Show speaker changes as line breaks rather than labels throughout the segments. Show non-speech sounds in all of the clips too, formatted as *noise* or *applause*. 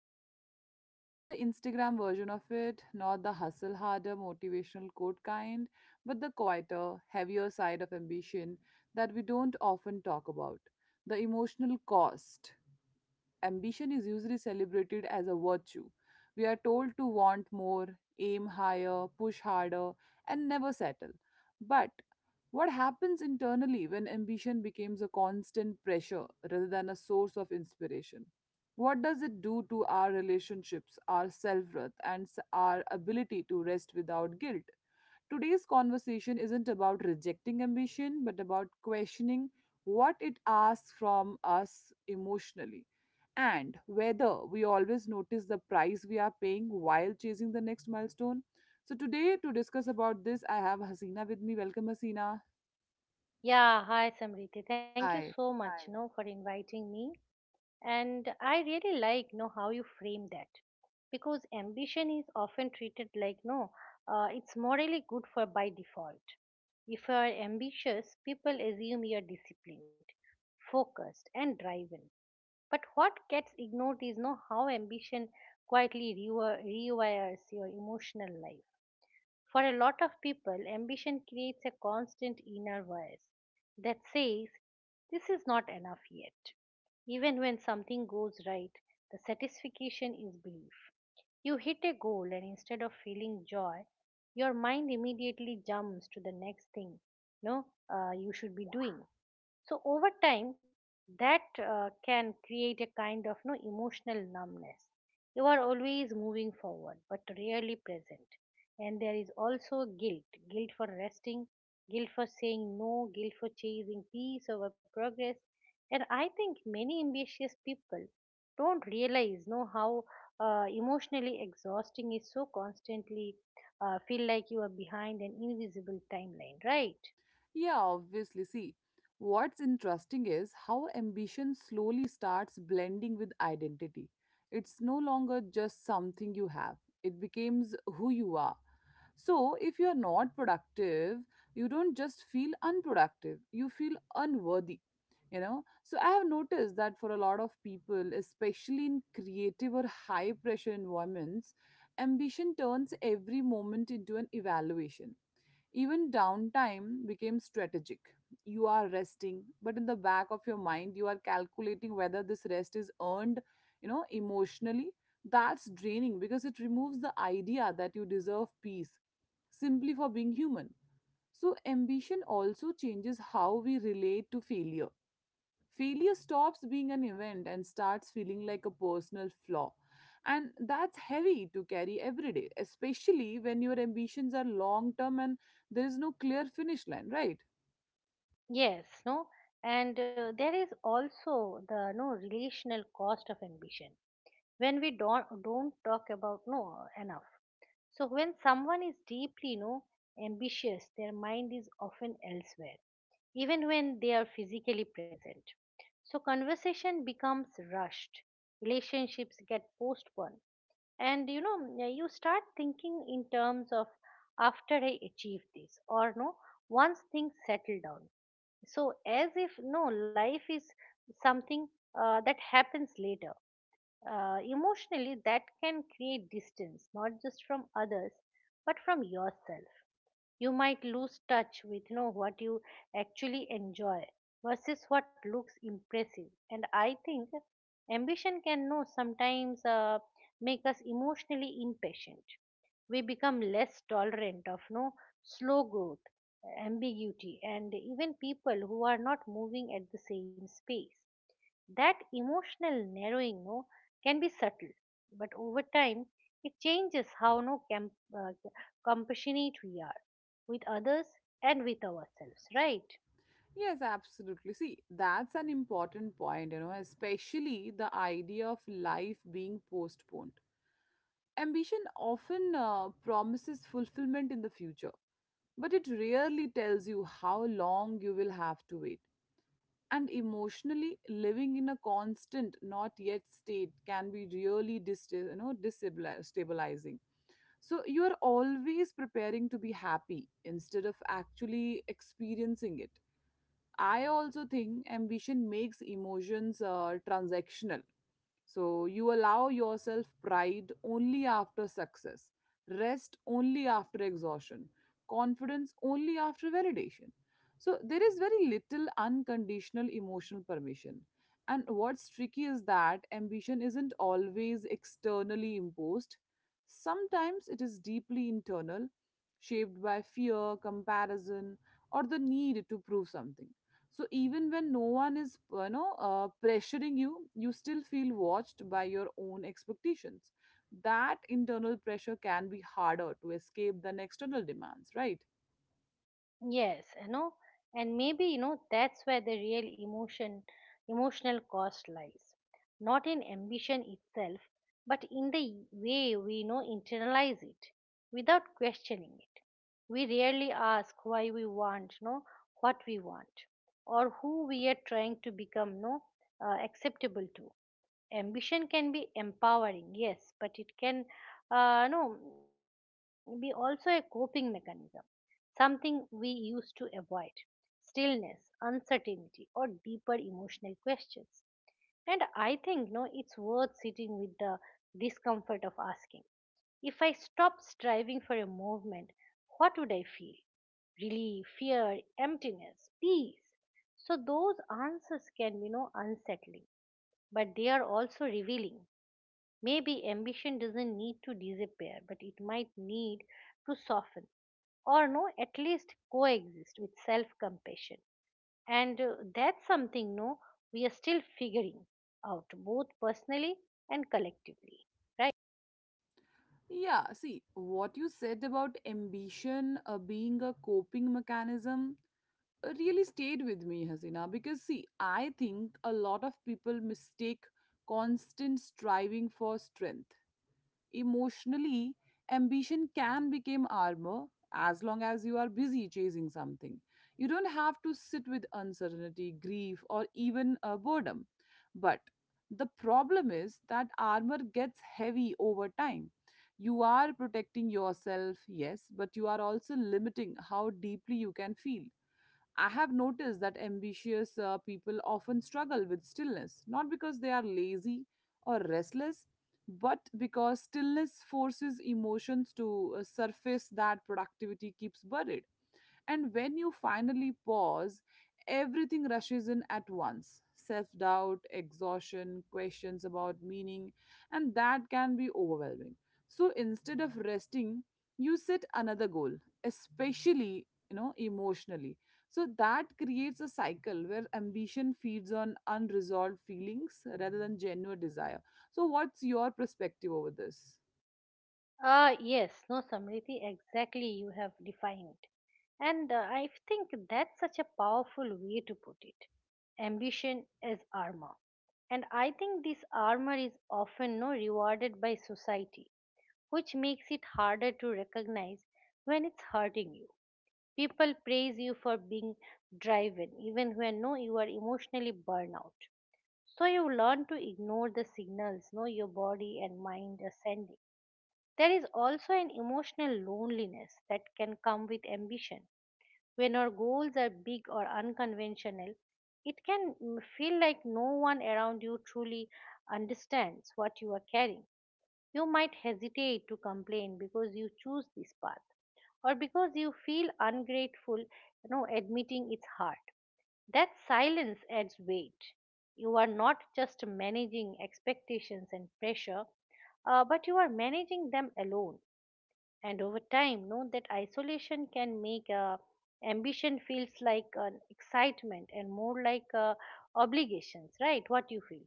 ambition, not the Instagram version of it, not the hustle harder motivational quote kind, but the quieter, heavier side of ambition that we don't often talk about the emotional cost ambition is usually celebrated as a virtue. We are told to want more, aim higher, push harder, and never settle. But what happens internally when ambition becomes a constant pressure rather than a source of inspiration? What does it do to our relationships, our self worth, and our ability to rest without guilt? Today's conversation isn't about rejecting ambition, but about questioning what it asks from us emotionally and whether we always notice the price we are paying while chasing the next milestone. So, today to discuss about this, I have Hasina with me. Welcome, Hasina.
Yeah, hi Samriti. Thank you
Hi.
so much, Hi. No, for inviting me. And I really like, no, how you frame that, because ambition is often treated like, no, it's morally good for by default. If you are ambitious, people assume you are disciplined, focused, and driven. But what gets ignored is, no, how ambition quietly rewires your emotional life. For a lot of people, ambition creates a constant inner voice that says, "This is not enough yet." Even when something goes right, the satisfaction is brief. You hit a goal, and instead of feeling joy, your mind immediately jumps to the next thing no, you should be doing. So over time, that can create a kind of no emotional numbness. You are always moving forward, but rarely present. And there is also guilt, guilt for resting, guilt for saying no, guilt for chasing peace over progress. And I think many ambitious people don't realize know how emotionally exhausting is so constantly feel like you are behind an invisible timeline, right?
Yeah, obviously. See, what's interesting is how ambition slowly starts blending with identity. It's no longer just something you have, it becomes who you are. So, if you're not productive, you don't just feel unproductive, you feel unworthy. You know, so I have noticed that for a lot of people, especially in creative or high pressure environments, ambition turns every moment into an evaluation. Even downtime became strategic. You are resting, but in the back of your mind, you are calculating whether this rest is earned, you know, emotionally. That's draining because it removes the idea that you deserve peace simply for being human. So, ambition also changes how we relate to failure. Failure stops being an event and starts feeling like a personal flaw, and that's heavy to carry every day, especially when your ambitions are long term and there is no clear finish line, right?
Yes, no, and there is also the no relational cost of ambition, when we don't talk about no enough. So when someone is deeply no ambitious, their mind is often elsewhere, even when they are physically present. So conversation becomes rushed, relationships get postponed, and you know, yeah, you start thinking in terms of, "After I achieve this," or no "Once things settle down," so as if no life is something that happens later. Emotionally, that can create distance, not just from others but from yourself. You might lose touch with, you know, what you actually enjoy versus what looks impressive. And I think ambition can know sometimes make us emotionally impatient. We become less tolerant of no slow growth, ambiguity, and even people who are not moving at the same space. That emotional narrowing no, can be subtle, but over time it changes how no com- uh, compassionate we are with others and with ourselves, right?
Yes, absolutely. See, that's an important point, you know, especially the idea of life being postponed. Ambition often promises fulfillment in the future, but it rarely tells you how long you will have to wait. And emotionally, living in a constant not yet state can be really you know, destabilizing. So you are always preparing to be happy instead of actually experiencing it. I also think ambition makes emotions transactional, so you allow yourself pride only after success, rest only after exhaustion, confidence only after validation. So there is very little unconditional emotional permission. And what's tricky is that ambition isn't always externally imposed. Sometimes it is deeply internal, shaped by fear, comparison, or the need to prove something. So even when no one is, you know, pressuring you, you still feel watched by your own expectations. That internal pressure can be harder to escape than external demands, right?
Yes, you know, and maybe, you know, that's where the real emotional cost lies, not in ambition itself, but in the way we internalize it without questioning it. We rarely ask why we want what we want, or who we are trying to become acceptable to. Ambition can be empowering, yes, but it can no be also a coping mechanism, something we used to avoid stillness, uncertainty, or deeper emotional questions. And I think no it's worth sitting with the discomfort of asking, "If I stop striving for a movement, what would I feel? Relief? Fear? Emptiness? Peace?" So those answers can be no unsettling, but they are also revealing. Maybe ambition doesn't need to disappear, but it might need to soften, or no at least coexist with self compassion. And that's something no we are still figuring out, both personally and collectively, right?
Yeah, see, what you said about ambition being a coping mechanism really stayed with me, Hasina, because see, I think a lot of people mistake constant striving for strength. Emotionally, ambition can become armor. As long as you are busy chasing something, you don't have to sit with uncertainty, grief, or even boredom. But the problem is that armor gets heavy over time. You are protecting yourself, yes, but you are also limiting how deeply you can feel. I have noticed that ambitious people often struggle with stillness, not because they are lazy or restless, but because stillness forces emotions to surface that productivity keeps buried. And when you finally pause, everything rushes in at once, self doubt, exhaustion, questions about meaning, and that can be overwhelming. So instead of resting, you set another goal, especially, you know, emotionally. So that creates a cycle where ambition feeds on unresolved feelings rather than genuine desire. So what's your perspective over this?
Ah, yes no Samriti, exactly, you have defined it. And I think that's such a powerful way to put it, ambition as armor. And I think this armor is often no rewarded by society, which makes it harder to recognize when it's hurting you. People praise you for being driven, even when no, you are emotionally burnout. So you learn to ignore the signals no, your body and mind are sending. There is also an emotional loneliness that can come with ambition. When our goals are big or unconventional, it can feel like no one around you truly understands what you are carrying. You might hesitate to complain because you choose this path, or because you feel ungrateful, admitting it's hard. That silence adds weight. You are not just managing expectations and pressure, but you are managing them alone. And over time, know that isolation can make ambition feels like an excitement and more like obligations, right? What you feel?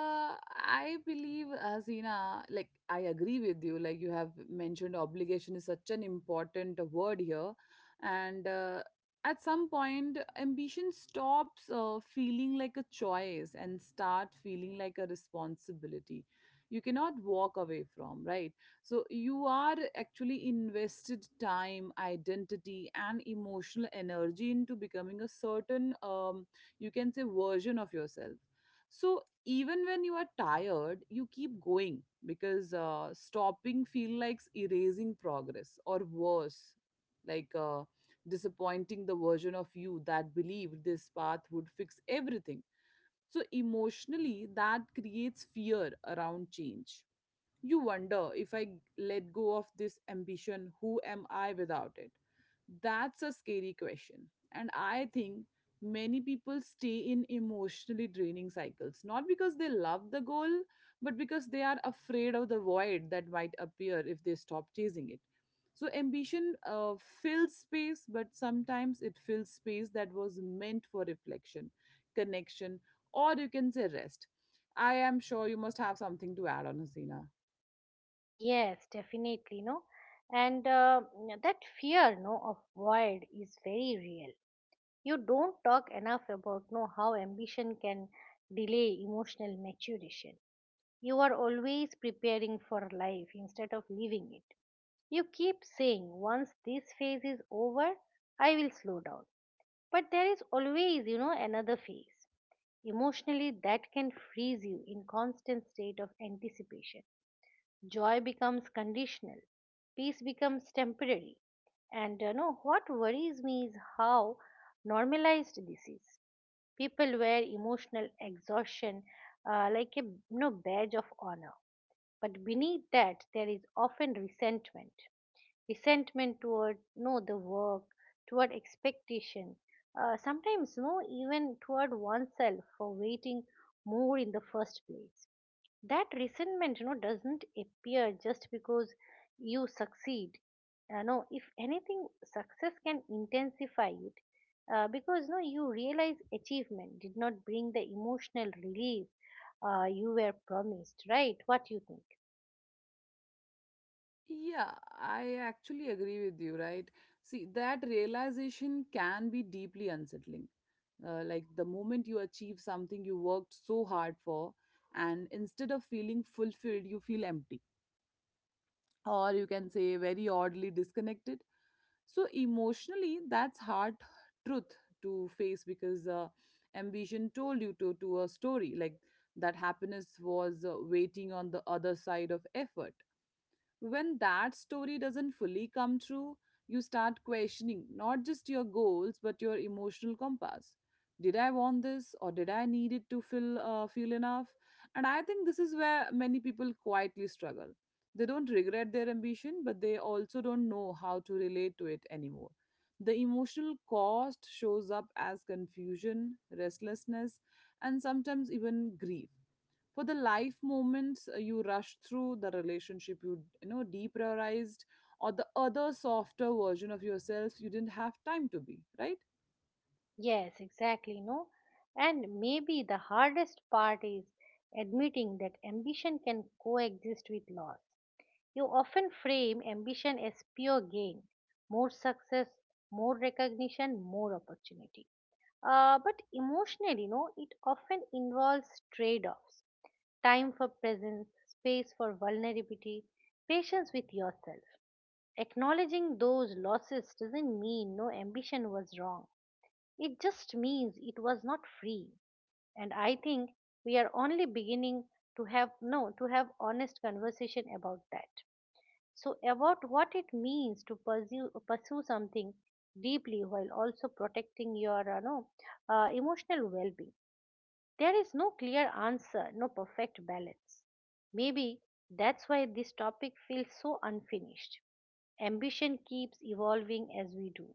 I believe, Zina, like I agree with you. Like you have mentioned, obligation is such an important word here, and at some point, ambition stops feeling like a choice and start feeling like a responsibility. You cannot walk away from, right? So you are actually invested time, identity, and emotional energy into becoming a certain, you can say, version of yourself. So even when you are tired, you keep going because stopping feel like erasing progress, or worse, like disappointing the version of you that believed this path would fix everything. So emotionally, that creates fear around change. You wonder, if I let go of this ambition, who am I without it? That's a scary question. And I think many people stay in emotionally draining cycles, not because they love the goal, but because they are afraid of the void that might appear if they stop chasing it. So, ambition fills space, but sometimes it fills space that was meant for reflection, connection, or you can say rest. I am sure you must have something to add on, Hasina.
Yes, definitely. And that fear, no, of void is very real. You don't talk enough about, no, how ambition can delay emotional maturation. You are always preparing for life instead of living it. You keep saying, "Once this phase is over, I will slow down." But there is always another phase. Emotionally, that can freeze you in constant state of anticipation. Joy becomes conditional, peace becomes temporary. And you know what worries me is how normalized this is. People wear emotional exhaustion like a badge of honor, but beneath that there is often resentment, resentment toward no the work, toward expectation, sometimes no even toward oneself for waiting more in the first place. That resentment doesn't appear just because you succeed. If anything, success can intensify it, because no you realize achievement did not bring the emotional relief you were promised, right? What you think?
Yeah, I actually agree with you, right? See, that realization can be deeply unsettling. Like the moment you achieve something you worked so hard for, and instead of feeling fulfilled, you feel empty, or you can say very oddly disconnected. So, emotionally, that's hard truth to face because ambition told you to a story like that happiness was waiting on the other side of effort. When that story doesn't fully come true, you start questioning not just your goals but your emotional compass. Did I want this, or did I need it to feel feel enough? And I think this is where many people quietly struggle. They don't regret their ambition, but they also don't know how to relate to it anymore. The emotional cost shows up as confusion, restlessness, and sometimes even grief for the life moments you rushed through, the relationship you know deprioritized, or the other softer version of yourself you didn't have time to be, right?
Yes exactly no And maybe the hardest part is admitting that ambition can coexist with loss. You often frame ambition as pure gain, more success, more recognition, more opportunity. But emotionally, no, it often involves trade offs, time for presence, space for vulnerability, patience with yourself. Acknowledging those losses doesn't mean no ambition was wrong, it just means it was not free. And I think we are only beginning to have no to have honest conversation about that, so, about what it means to pursue something deeply while also protecting your no, emotional well-being. There is no clear answer, no perfect balance. Maybe that's why this topic feels so unfinished. Ambition keeps evolving as we do.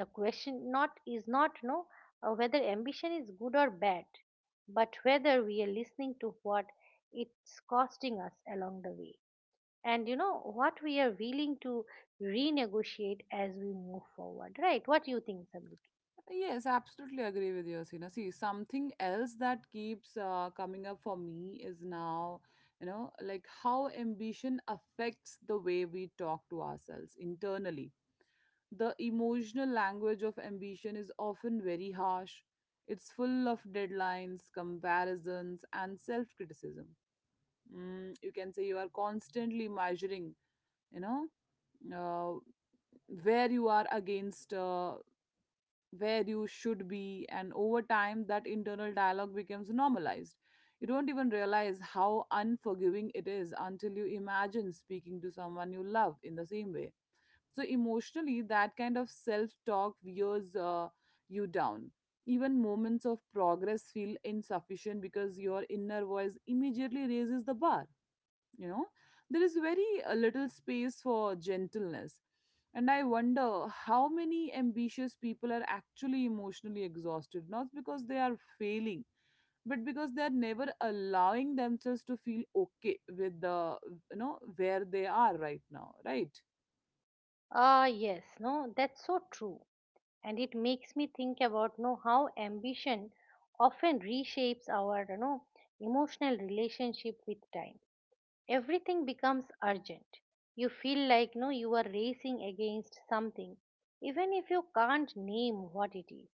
The question not is not no whether ambition is good or bad, but whether we are listening to what it's costing us along the way, and you know what we are willing to renegotiate as we move forward, right? What do you think, Sabriti?
Yes, absolutely agree with you, Asina. See, something else that keeps coming up for me is now, you know, like how ambition affects the way we talk to ourselves internally. The emotional language of ambition is often very harsh. It's full of deadlines, comparisons, and self criticism. You can say you are constantly measuring, you know, uh, where you are against where you should be, and over time, that internal dialogue becomes normalized. You don't even realize how unforgiving it is until you imagine speaking to someone you love in the same way. So emotionally, that kind of self talk wears you down. Even moments of progress feel insufficient because your inner voice immediately raises the bar. You know, there is very little space for gentleness. And I wonder, how many ambitious people are actually emotionally exhausted, not because they are failing, but because they are never allowing themselves to feel okay with the, you know, where they are right now, right?
Ah yes no that's so true, and it makes me think about no how ambition often reshapes our emotional relationship with time. Everything becomes urgent. You feel like no you are racing against something, even if you can't name what it is.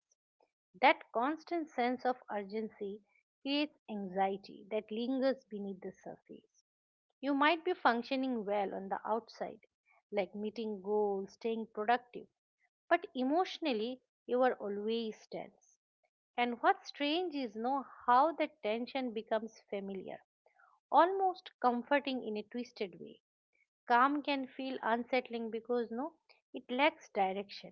That constant sense of urgency creates anxiety that lingers beneath the surface. You might be functioning well on the outside, like meeting goals, staying productive, but emotionally you are always tense. And what's strange is know how that tension becomes familiar, almost comforting in a twisted way. Calm can feel unsettling because no, it lacks direction.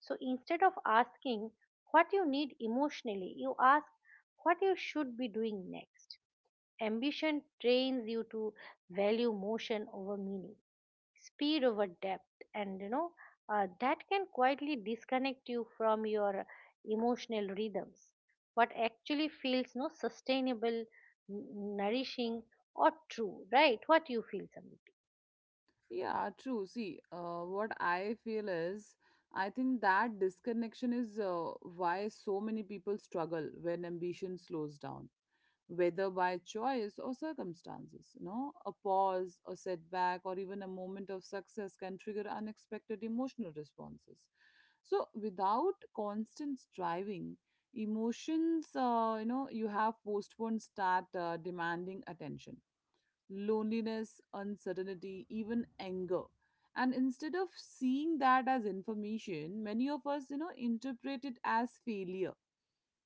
So instead of asking what you need emotionally, you ask what you should be doing next. Ambition trains you to value motion over meaning, speed over depth, and that can quietly disconnect you from your emotional rhythms. What actually feels no sustainable, nourishing, or true, right? What you feel, Samit?
Yeah, true. See, what I feel is, I think that disconnection is why so many people struggle when ambition slows down, whether by choice or circumstances. You know, a pause, a setback, or even a moment of success can trigger unexpected emotional responses. So, without constant striving, emotions, you know, you have postponed start demanding attention, loneliness, uncertainty, even anger. And instead of seeing that as information, many of us, you know, interpret it as failure.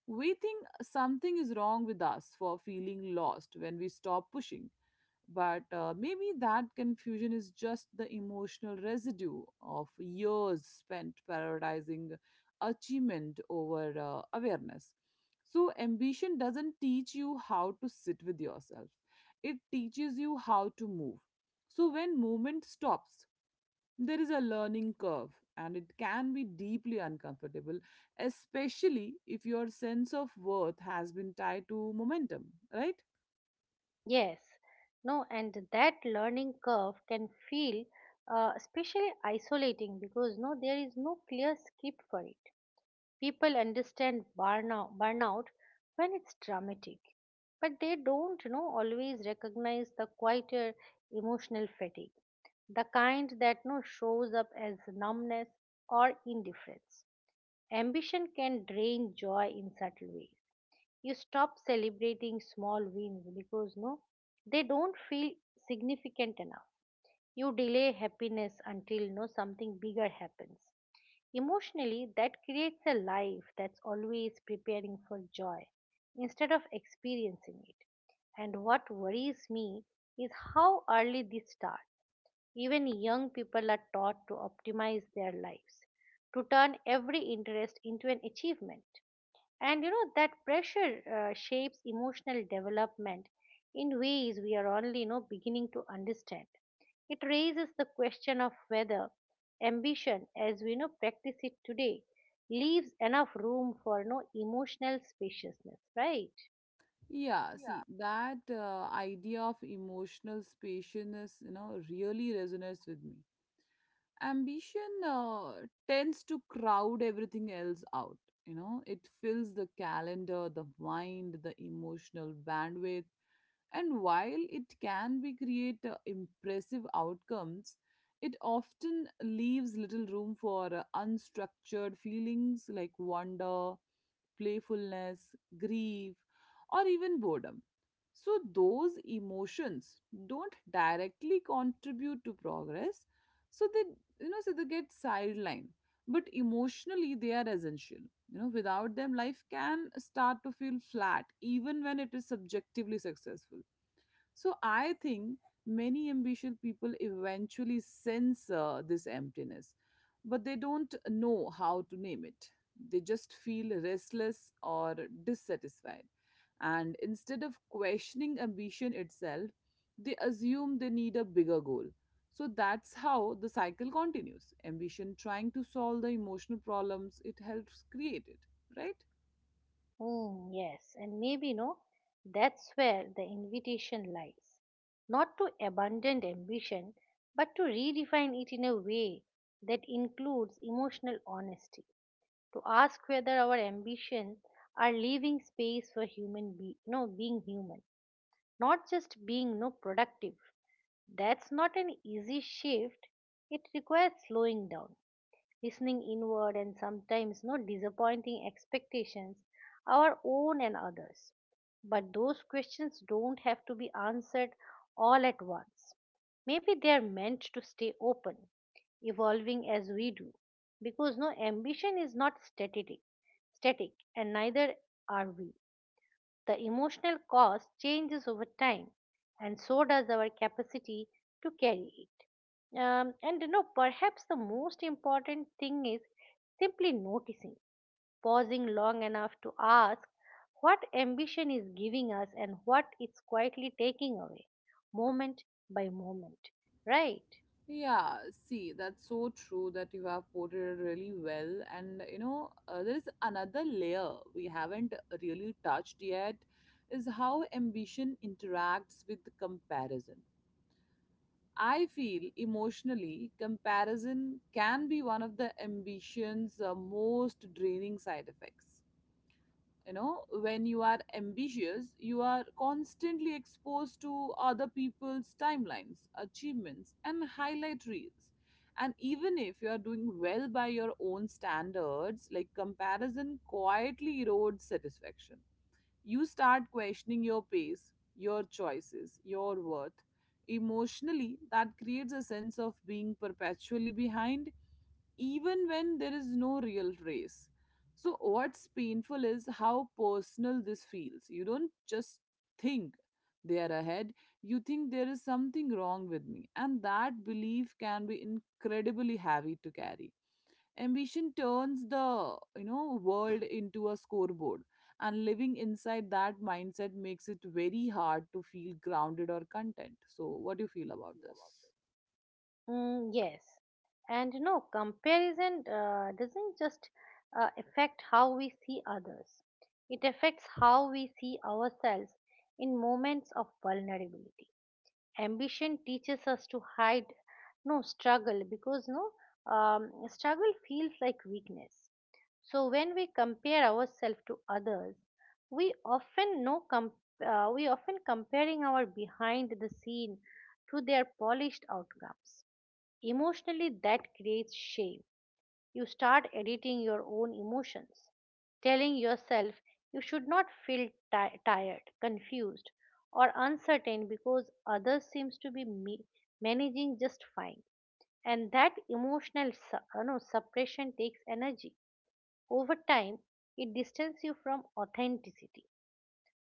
We think something is wrong with us for feeling lost when we stop pushing. But maybe that confusion is just the emotional residue of years spent prioritizing achievement over awareness. So, ambition doesn't teach you how to sit with yourself, it teaches you how to move. So, when movement stops, there is a learning curve, and it can be deeply uncomfortable, especially if your sense of worth has been tied to momentum, right?
Yes, no, and that learning curve can feel especially isolating because there is no clear script for it. People understand burnout when it's dramatic, but they don't, you know, always recognize the quieter emotional fatigue, the kind that no shows up as numbness or indifference. Ambition can drain joy in subtle ways. You stop celebrating small wins because they don't feel significant enough. You delay happiness until no something bigger happens. Emotionally, that creates a life that's always preparing for joy instead of experiencing it. And what worries me is how early this starts. Even young people are taught to optimize their lives, to turn every interest into an achievement. And that pressure shapes emotional development in ways we are only beginning to understand. It raises the question of whether ambition, as we know practice it today, leaves enough room for no emotional spaciousness, right?
Yeah, see, that idea of emotional spaciousness, you know, really resonates with me. Ambition tends to crowd everything else out. You know, it fills the calendar, the mind, the emotional bandwidth, and while it can be create impressive outcomes, it often leaves little room for unstructured feelings like wonder, playfulness, grief, or even boredom. So, those emotions don't directly contribute to progress. So, so they get sidelined. But emotionally, they are essential. You know, without them, life can start to feel flat, even when it is subjectively successful. So I think many ambitious people eventually sense this emptiness, but they don't know how to name it. They just feel restless or dissatisfied. And instead of questioning ambition itself, they assume they need a bigger goal. So that's how the cycle continues. Ambition trying to solve the emotional problems it helps create it, right?
Mm, yes, and maybe no, that's where the invitation lies. Not to abandon ambition, but to redefine it in a way that includes emotional honesty, to ask whether our ambitions are leaving space for human be no being human, not just being productive. That's not an easy shift. It requires slowing down, listening inward, and sometimes not disappointing expectations, our own and others. But those questions don't have to be answered all at once. Maybe they are meant to stay open, evolving as we do, because ambition is not static, and neither are we. The emotional cost changes over time, and so does our capacity to carry it. And perhaps the most important thing is simply noticing, pausing long enough to ask what ambition is giving us and what it's quietly taking away, moment by moment, right?
Yeah, see, that's so true that you have portrayed really well. And you know, there is another layer we haven't really touched yet is how ambition interacts with comparison. I feel emotionally, comparison can be one of the ambition's most draining side effects. When you are ambitious, you are constantly exposed to other people's timelines, achievements, and highlight reels. And even if you are doing well by your own standards, like comparison quietly erodes satisfaction. You start questioning your pace, your choices, your worth. Emotionally, that creates a sense of being perpetually behind, even when there is no real race. So, what's painful is how personal this feels. You don't just think they are ahead, you think there is something wrong with me. And that belief can be incredibly heavy to carry. Ambition turns the world into a scoreboard, and living inside that mindset makes it very hard to feel grounded or content. So, what do you feel about this?
Mm, yes. And comparison doesn't just affect how we see others, it affects how we see ourselves in moments of vulnerability. Ambition teaches us to hide no struggle because no struggle feels like weakness. So when we compare ourselves to others, we often no com- we often comparing our behind the scene to their polished outcomes. Emotionally, that creates shame. You start editing your own emotions, telling yourself you should not feel tired, confused, or uncertain because others seems to be managing just fine. And that emotional suppression takes energy. Over time, it distances you from authenticity.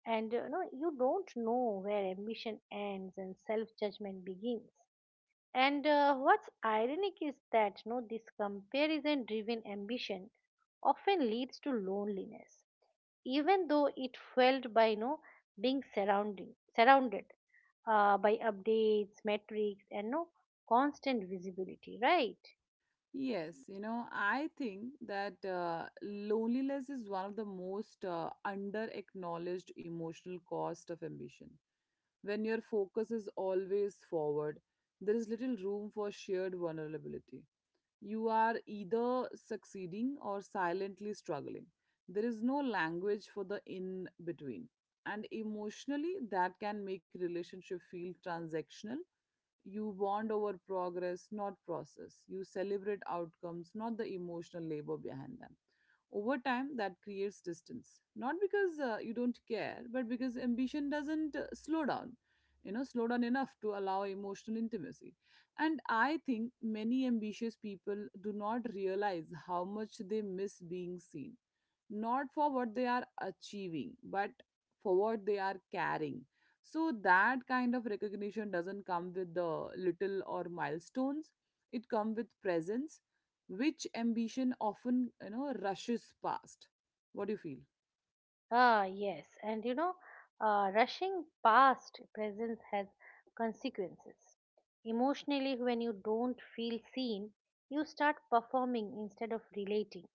And you don't know where ambition ends and self judgment begins. And what's ironic is that no, this comparison driven ambition often leads to loneliness, even though it felt by no being surrounded by updates, metrics, and no constant visibility, right?
Yes, I think that loneliness is one of the most under acknowledged emotional cost of ambition. When your focus is always forward, there is little room for shared vulnerability. You are either succeeding or silently struggling. There is no language for the in between. And emotionally, that can make relationship feel transactional. You bond over progress, not process. You celebrate outcomes, not the emotional labor behind them. Over time, that creates distance. Not because you don't care, but because ambition doesn't slow down. Slow down enough to allow emotional intimacy. And I think many ambitious people do not realize how much they miss being seen, not for what they are achieving, but for what they are carrying. So that kind of recognition doesn't come with the little or milestones, it comes with presence, which ambition often rushes past. What do you feel?
Ah, yes, and rushing past presence has consequences. Emotionally, when you don't feel seen, you start performing instead of relating.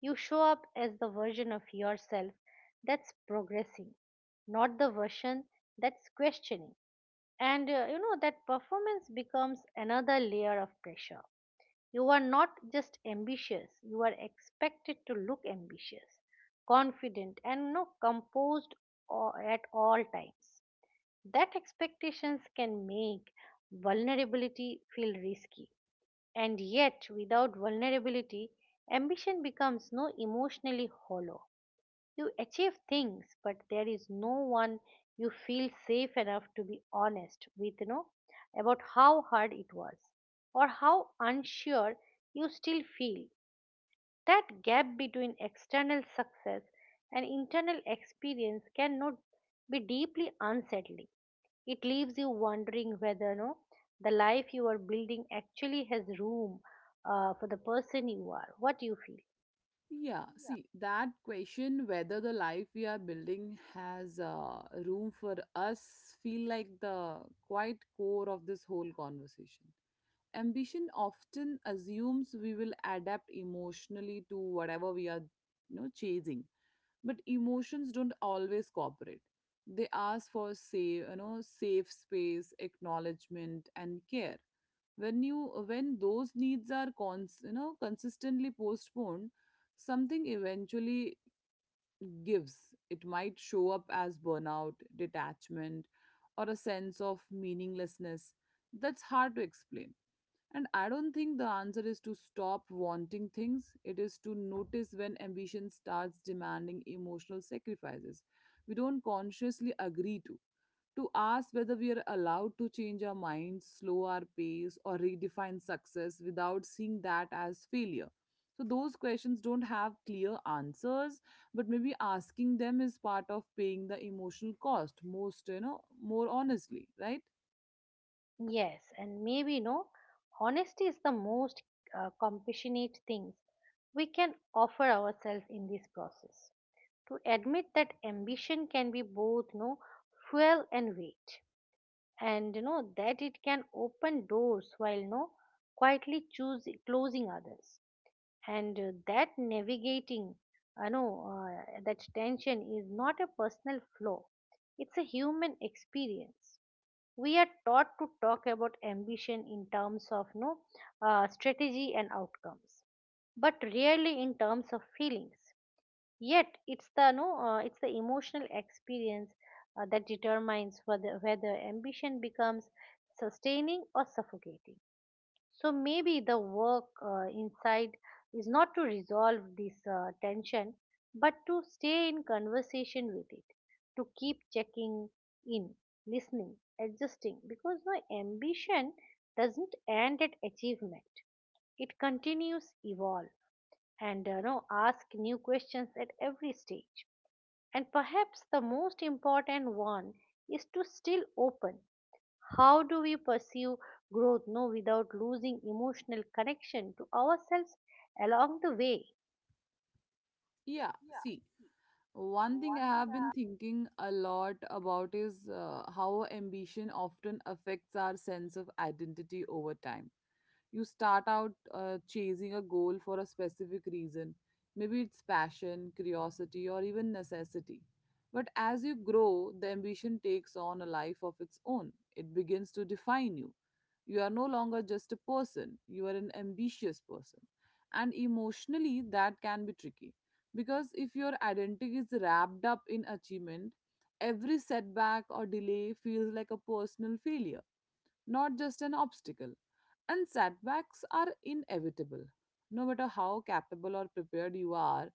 You show up as the version of yourself that's progressing, not the version that's questioning. And you know that performance becomes another layer of pressure. You are not just ambitious, you are expected to look ambitious, confident, and no composed or at all times. That expectations can make vulnerability feel risky, and yet, without vulnerability, ambition becomes no emotionally hollow. You achieve things, but there is no one you feel safe enough to be honest with, about how hard it was or how unsure you still feel. That gap between external success and internal experience cannot be deeply unsettling. It leaves you wondering whether no the life you are building actually has room for the person you are. What do you feel?
Yeah, see, that question whether the life we are building has room for us feel like the quite core of this whole conversation. Ambition often assumes we will adapt emotionally to whatever we are chasing, but emotions don't always cooperate. They ask for safe you know safe space, acknowledgement, and care. When you when those needs are consistently postponed, something eventually gives. It might show up as burnout, detachment, or a sense of meaninglessness that's hard to explain. And I don't think the answer is to stop wanting things. It is to notice when ambition starts demanding emotional sacrifices we don't consciously agree to. To ask whether we are allowed to change our minds, slow our pace, or redefine success without seeing that as failure. So, those questions don't have clear answers, but maybe asking them is part of paying the emotional cost more honestly, right?
Yes, and maybe no honesty is the most compassionate things we can offer ourselves in this process. To admit that ambition can be both no fuel and weight, and you know that it can open doors while no quietly choose closing others, and that navigating, I know, that tension is not a personal flaw, it's a human experience. We are taught to talk about ambition in terms of no strategy and outcomes, but rarely in terms of feelings. Yet it's the no, it's the emotional experience that determines whether ambition becomes sustaining or suffocating. So maybe the work inside is not to resolve this tension, but to stay in conversation with it, to keep checking in, listening, adjusting, because no ambition doesn't end at achievement. It continues evolve and no ask new questions at every stage, and perhaps the most important one is to still open. How do we pursue growth no without losing emotional connection to ourselves along the way?
Yeah, see, one thing I have been thinking a lot about is how ambition often affects our sense of identity over time. You start out chasing a goal for a specific reason. Maybe it's passion, curiosity, or even necessity. But as you grow, the ambition takes on a life of its own. It begins to define you. You are no longer just a person, you are an ambitious person. And emotionally, that can be tricky. Because if your identity is wrapped up in achievement, every setback or delay feels like a personal failure, not just an obstacle. And setbacks are inevitable. No matter how capable or prepared you are,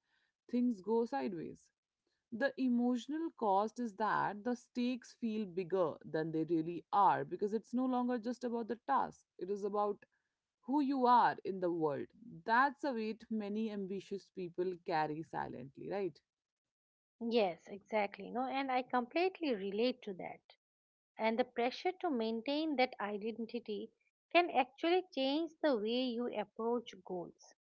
things go sideways. The emotional cost is that the stakes feel bigger than they really are, because it's no longer just about the task, it is about who you are in the world. That's a weight many ambitious people carry silently, right?
Yes, exactly. No, and I completely relate to that. And the pressure to maintain that identity can actually change the way you approach goals.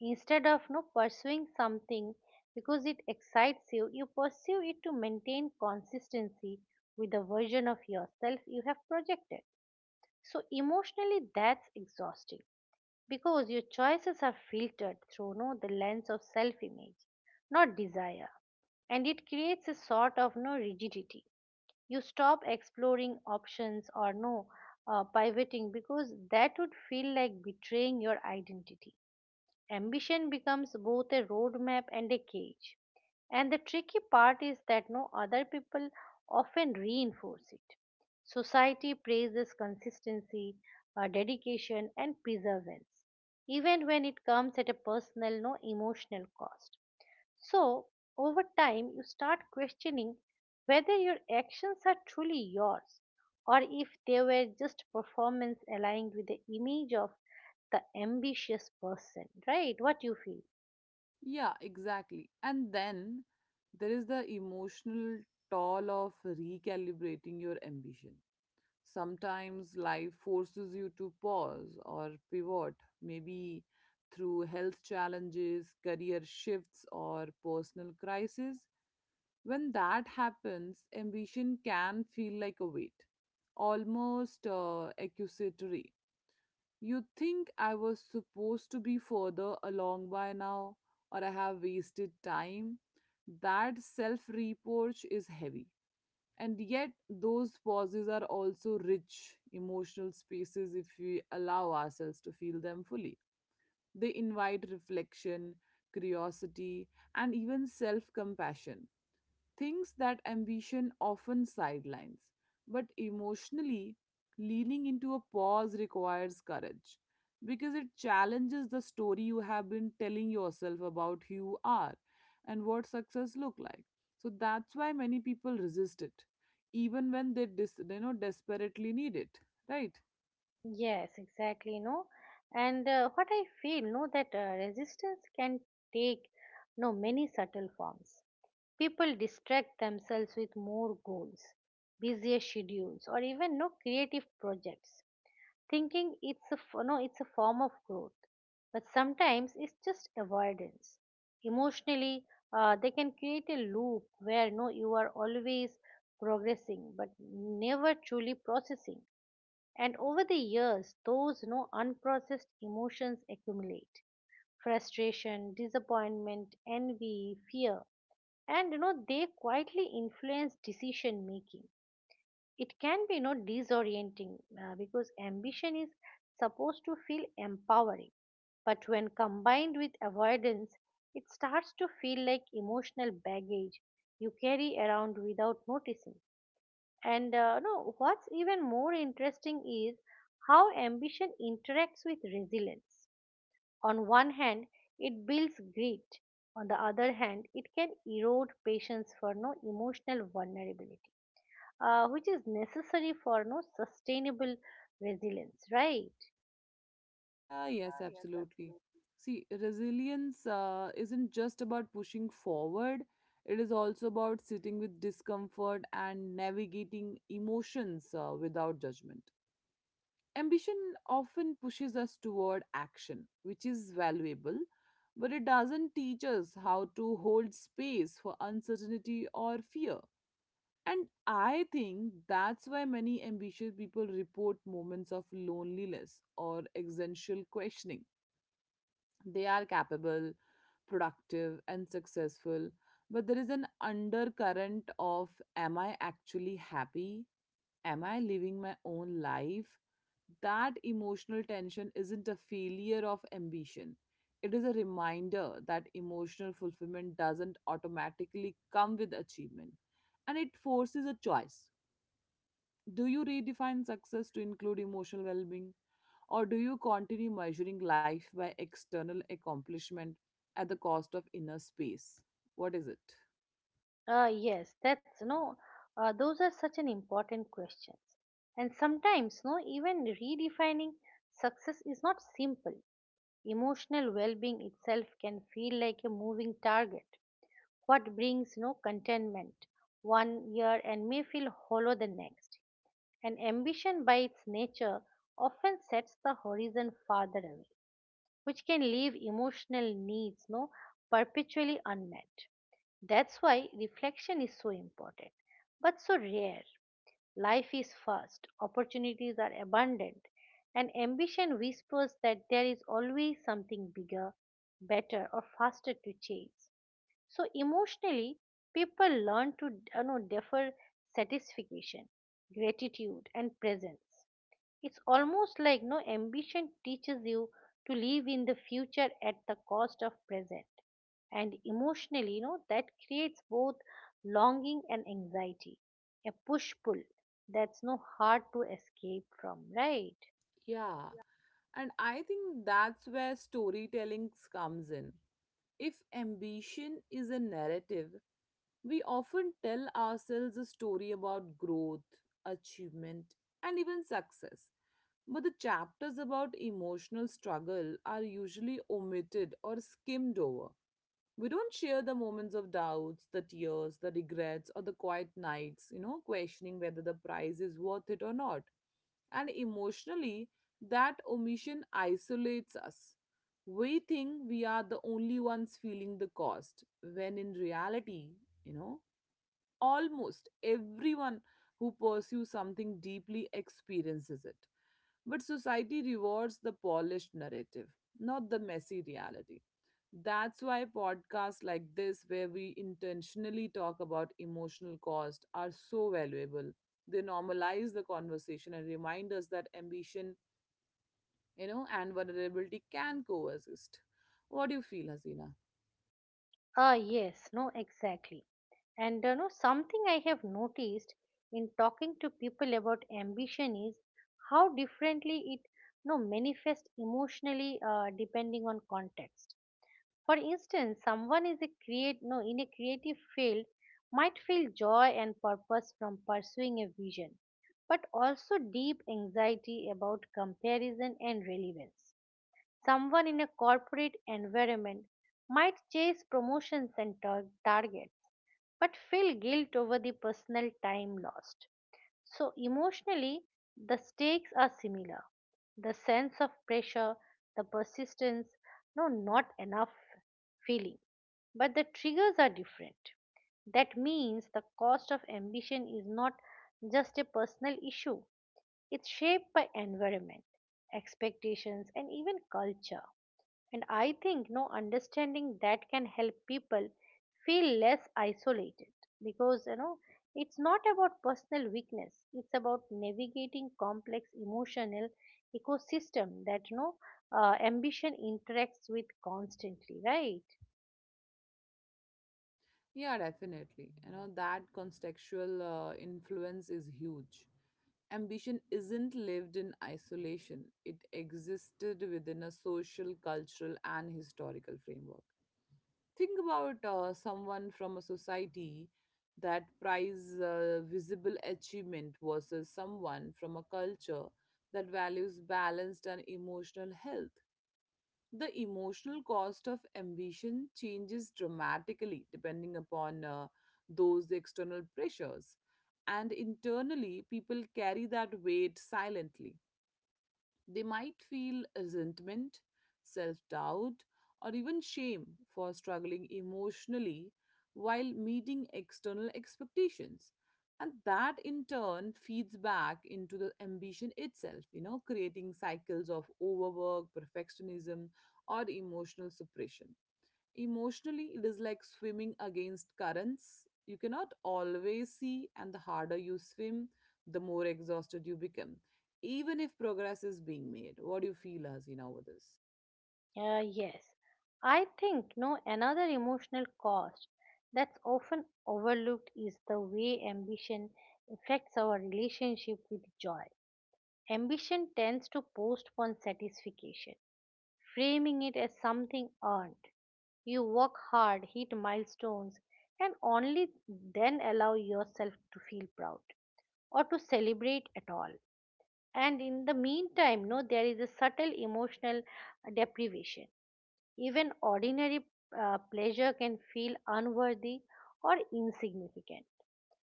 Instead of no pursuing something because it excites you, you pursue it to maintain consistency with the version of yourself you have projected. So emotionally that's exhausting, because your choices are filtered through no the lens of self image, not desire. And it creates a sort of no rigidity. You stop exploring options or no pivoting, because that would feel like betraying your identity. Ambition becomes both a roadmap and a cage. And the tricky part is that no other people often reinforce it. Society praises consistency, dedication, and perseverance, even when it comes at a personal, no emotional cost. So, over time, you start questioning whether your actions are truly yours or if they were just performance aligned with the image of the ambitious person, right? What you feel?
Yeah, exactly. And then there is the emotional toll of recalibrating your ambition. Sometimes life forces you to pause or pivot, maybe through health challenges, career shifts, or personal crisis. When that happens, ambition can feel like a weight, almost accusatory. You think I was supposed to be further along by now, or I have wasted time. That self reproach is heavy, and yet those pauses are also rich emotional spaces if we allow ourselves to feel them fully. They invite reflection, curiosity, and even self compassion, things that ambition often sidelines. But emotionally, leaning into a pause requires courage because it challenges the story you have been telling yourself about who you are and what success look like. So that's why many people resist it, even when they desperately need it, right?
Yes, exactly. No, and what I feel, no, that resistance can take no many subtle forms. People distract themselves with more goals, busier schedules, or even no creative projects thinking it's a f- no it's a form of growth, but sometimes it's just avoidance. Emotionally, they can create a loop where no you are always progressing but never truly processing, and over the years those no unprocessed emotions accumulate: frustration, disappointment, envy, fear. And they quietly influence decision making. It can be disorienting, because ambition is supposed to feel empowering, but when combined with avoidance, it starts to feel like emotional baggage you carry around without noticing. And no, what's even more interesting is how ambition interacts with resilience. On one hand, it builds grit. On the other hand, it can erode patience for no emotional vulnerability, which is necessary for no sustainable resilience, right?
Ah, yes, absolutely. See, resilience isn't just about pushing forward, it is also about sitting with discomfort and navigating emotions without judgment. Ambition often pushes us toward action, which is valuable, but it doesn't teach us how to hold space for uncertainty or fear. And I think that's why many ambitious people report moments of loneliness or existential questioning. They are capable, productive, and successful, but there is an undercurrent of am I actually happy? Am I living my own life? That emotional tension isn't a failure of ambition. It is a reminder that emotional fulfillment doesn't automatically come with achievement, and it forces a choice. Do you redefine success to include emotional well being? Or do you continue measuring life by external accomplishment at the cost of inner space? What is it?
Yes, that's no those are such an important questions. And sometimes no even redefining success is not simple. Emotional well-being itself can feel like a moving target. What brings no contentment one year and may feel hollow the next. And ambition by its nature often sets the horizon farther away, which can leave emotional needs no perpetually unmet. That's why reflection is so important, but so rare. Life is fast, opportunities are abundant, and ambition whispers that there is always something bigger, better or faster to chase. So emotionally, people learn to defer satisfaction, gratitude and presence. It's almost like no ambition teaches you to live in the future at the cost of present. And emotionally, you know, that creates both longing and anxiety, a push pull that's no hard to escape from, right?
Yeah. And I think that's where storytelling comes in. If ambition is a narrative, we often tell ourselves a story about growth, achievement, and even success. But the chapters about emotional struggle are usually omitted or skimmed over. We don't share the moments of doubts, the tears, the regrets, or the quiet nights, questioning whether the price is worth it or not. And emotionally, that omission isolates us. We think we are the only ones feeling the cost, when in reality, you know, almost everyone who pursues something deeply experiences it. But society rewards the polished narrative, not the messy reality. That's why podcasts like this, where we intentionally talk about emotional cost, are so valuable. They normalize the conversation and remind us that ambition, and vulnerability can coexist. What do you feel, Hasina?
Ah, yes, no, exactly. And you know, something I have noticed in talking to people about ambition is how differently it no manifests emotionally depending on context. For instance, someone is a create no in a creative field might feel joy and purpose from pursuing a vision, but also deep anxiety about comparison and relevance. Someone in a corporate environment might chase promotions and targets, but feel guilt over the personal time lost. So emotionally, the stakes are similar. The sense of pressure, the persistence, no, not enough feeling, but the triggers are different. That means the cost of ambition is not just a personal issue, it's shaped by environment, expectations, and even culture. And I think no understanding that can help people feel less isolated, because it's not about personal weakness, it's about navigating complex emotional ecosystem that ambition interacts with constantly, right?
Yeah, definitely. That contextual influence is huge. Ambition isn't lived in isolation, it existed within a social, cultural, and historical framework. Think about someone from a society that prize visible achievement versus someone from a culture that values balanced and emotional health. The emotional cost of ambition changes dramatically depending upon those external pressures, and internally, people carry that weight silently. They might feel resentment, self doubt, or even shame for struggling emotionally while meeting external expectations. And that in turn feeds back into the ambition itself, creating cycles of overwork, perfectionism, or emotional suppression. Emotionally, it is like swimming against currents. You cannot always see, and the harder you swim, the more exhausted you become, even if progress is being made. What do you feel, Hasina, over this?
Yes, I think no another emotional cost that's often overlooked is the way ambition affects our relationship with joy. Ambition tends to postpone satisfaction, framing it as something earned. You work hard, hit milestones, and only then allow yourself to feel proud or to celebrate at all. And in the meantime, no, there is a subtle emotional deprivation. Even ordinary pleasure can feel unworthy or insignificant.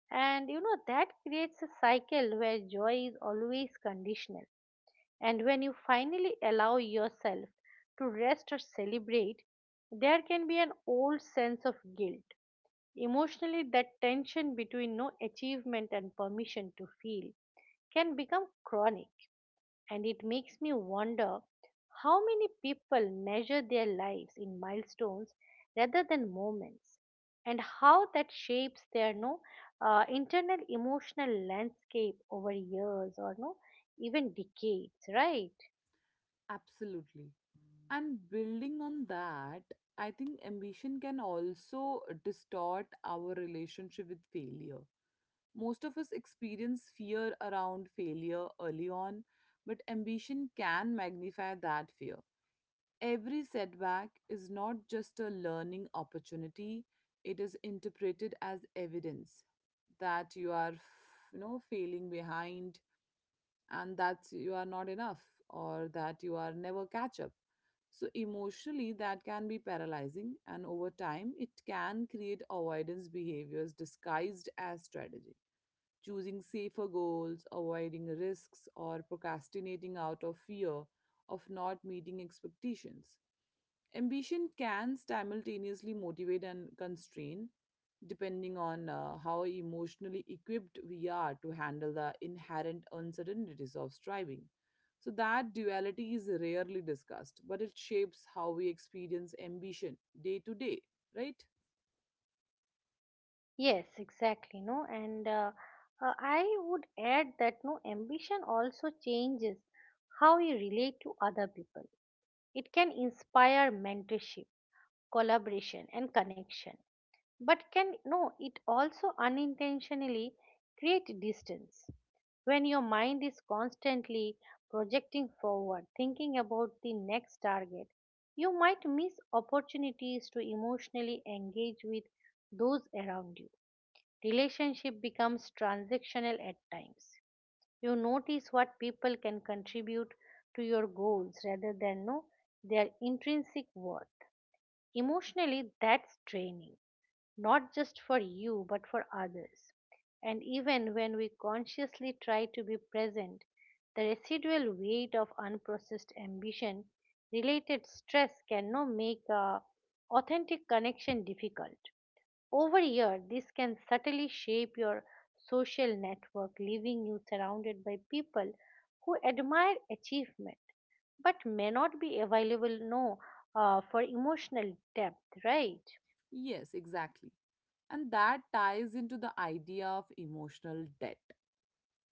And you know, that creates a cycle where joy is always conditional. And when you finally allow yourself to rest or celebrate, there can be an old sense of guilt. Emotionally, that tension between no achievement and permission to feel can become chronic, and it makes me wonder how many people measure their lives in milestones rather than moments, and how that shapes their no internal emotional landscape over years or no even decades, right?
Absolutely. And building on that, I think ambition can also distort our relationship with failure. Most of us experience fear around failure early on, but ambition can magnify that fear. Every setback is not just a learning opportunity, it is interpreted as evidence that you are failing behind and that you are not enough or that you are never catch up. So emotionally that can be paralyzing, and over time it can create avoidance behaviors disguised as strategy. Choosing safer goals, avoiding risks, or procrastinating out of fear of not meeting expectations. Ambition can simultaneously motivate and constrain, depending on how emotionally equipped we are to handle the inherent uncertainties of striving. So, that duality is rarely discussed, but it shapes how we experience ambition day to day, right?
Yes, exactly. No, and I would add that no ambition also changes how you relate to other people. It can inspire mentorship, collaboration, and connection, but can no it also unintentionally create distance. When your mind is constantly projecting forward, thinking about the next target, you might miss opportunities to emotionally engage with those around you. Relationship becomes transactional at times. You notice what people can contribute to your goals rather than know their intrinsic worth. Emotionally that's draining, not just for you but for others. And even when we consciously try to be present, the residual weight of unprocessed ambition related stress can now make a authentic connection difficult. Over a year, this can subtly shape your social network, leaving you surrounded by people who admire achievement but may not be available no, for emotional depth, right?
Yes, exactly. And that ties into the idea of emotional debt.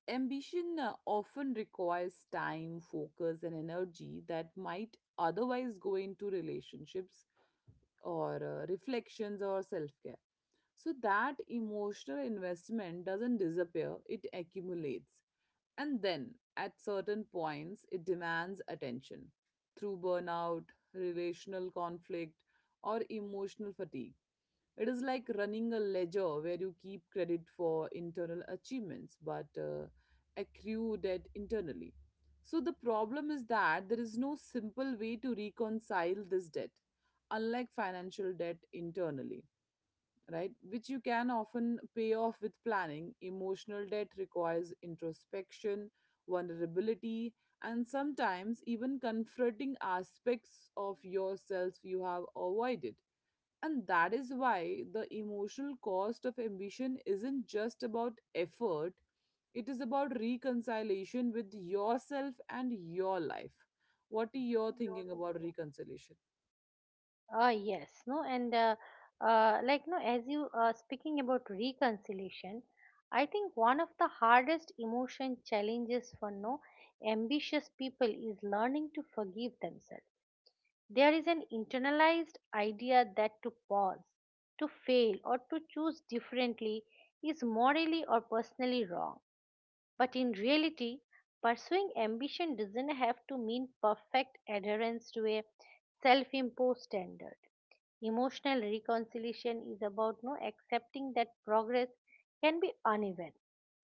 Ambition often requires time, focus, and energy that might otherwise go into relationships or reflections or self care. So that emotional investment doesn't disappear, it accumulates. And then, at certain points, it demands attention through burnout, relational conflict, or emotional fatigue. It is like running a ledger where you keep credit for internal achievements but accrue debt internally. So, the problem is that there is no simple way to reconcile this debt, unlike financial debt internally, right? Which you can often pay off with planning. Emotional debt requires introspection, vulnerability, and sometimes even confronting aspects of yourself you have avoided. And that is why the emotional cost of ambition isn't just about effort, it is about reconciliation with yourself and your life. What are
What
you
is your
thinking
thinking?
about reconciliation?
Ah, yes, no, and like no, as you speaking about reconciliation, I think one of the hardest emotion challenges for no ambitious people is learning to forgive themselves. There is an internalized idea that to pause, to fail, or to choose differently is morally or personally wrong. But in reality, pursuing ambition doesn't have to mean perfect adherence to a self imposed standard. Emotional reconciliation is about no accepting that progress can be uneven,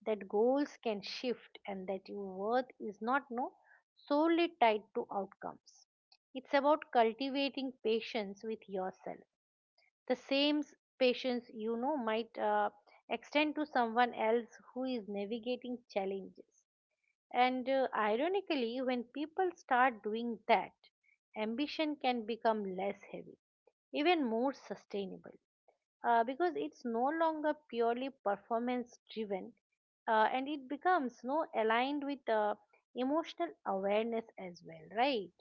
that goals can shift, and that your worth is not no solely tied to outcomes. It's about cultivating patience with yourself, the same patience you know might extend to someone else who is navigating challenges. And ironically, when people start doing that, ambition can become less heavy, even more sustainable, because it's no longer purely performance driven, and it becomes no aligned with emotional awareness as well, right?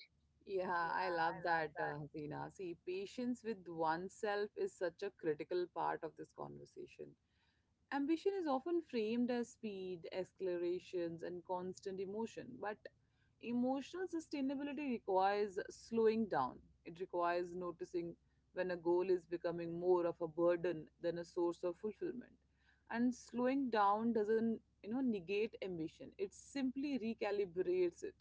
Yeah, I love that, Hasina. See, patience with oneself is such a critical part of this conversation. Ambition is often framed as speed, accelerations, and constant emotion, but emotional sustainability requires slowing down. It requires noticing when a goal is becoming more of a burden than a source of fulfillment. And slowing down doesn't, negate ambition. It simply recalibrates it.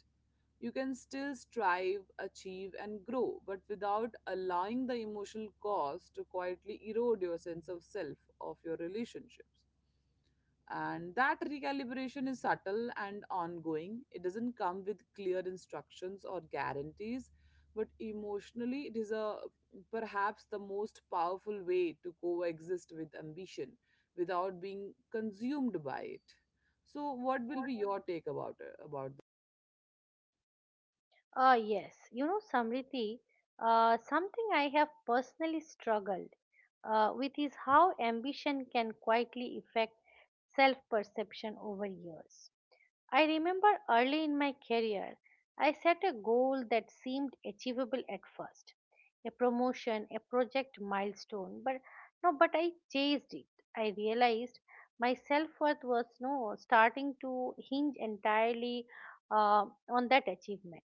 You can still strive, achieve, and grow, but without allowing the emotional cost to quietly erode your sense of self, of your relationships. And that recalibration is subtle and ongoing. It doesn't come with clear instructions or guarantees, but emotionally, it is a perhaps the most powerful way to coexist with ambition without being consumed by it. So, what will be your take about?
Ah, yes. You know, Samriti, something I have personally struggled with is how ambition can quietly affect self perception over years. I remember early in my career, I set a goal that seemed achievable at first, a promotion, a project milestone, but no, but I chased it. I realized my self worth was no starting to hinge entirely on that achievement.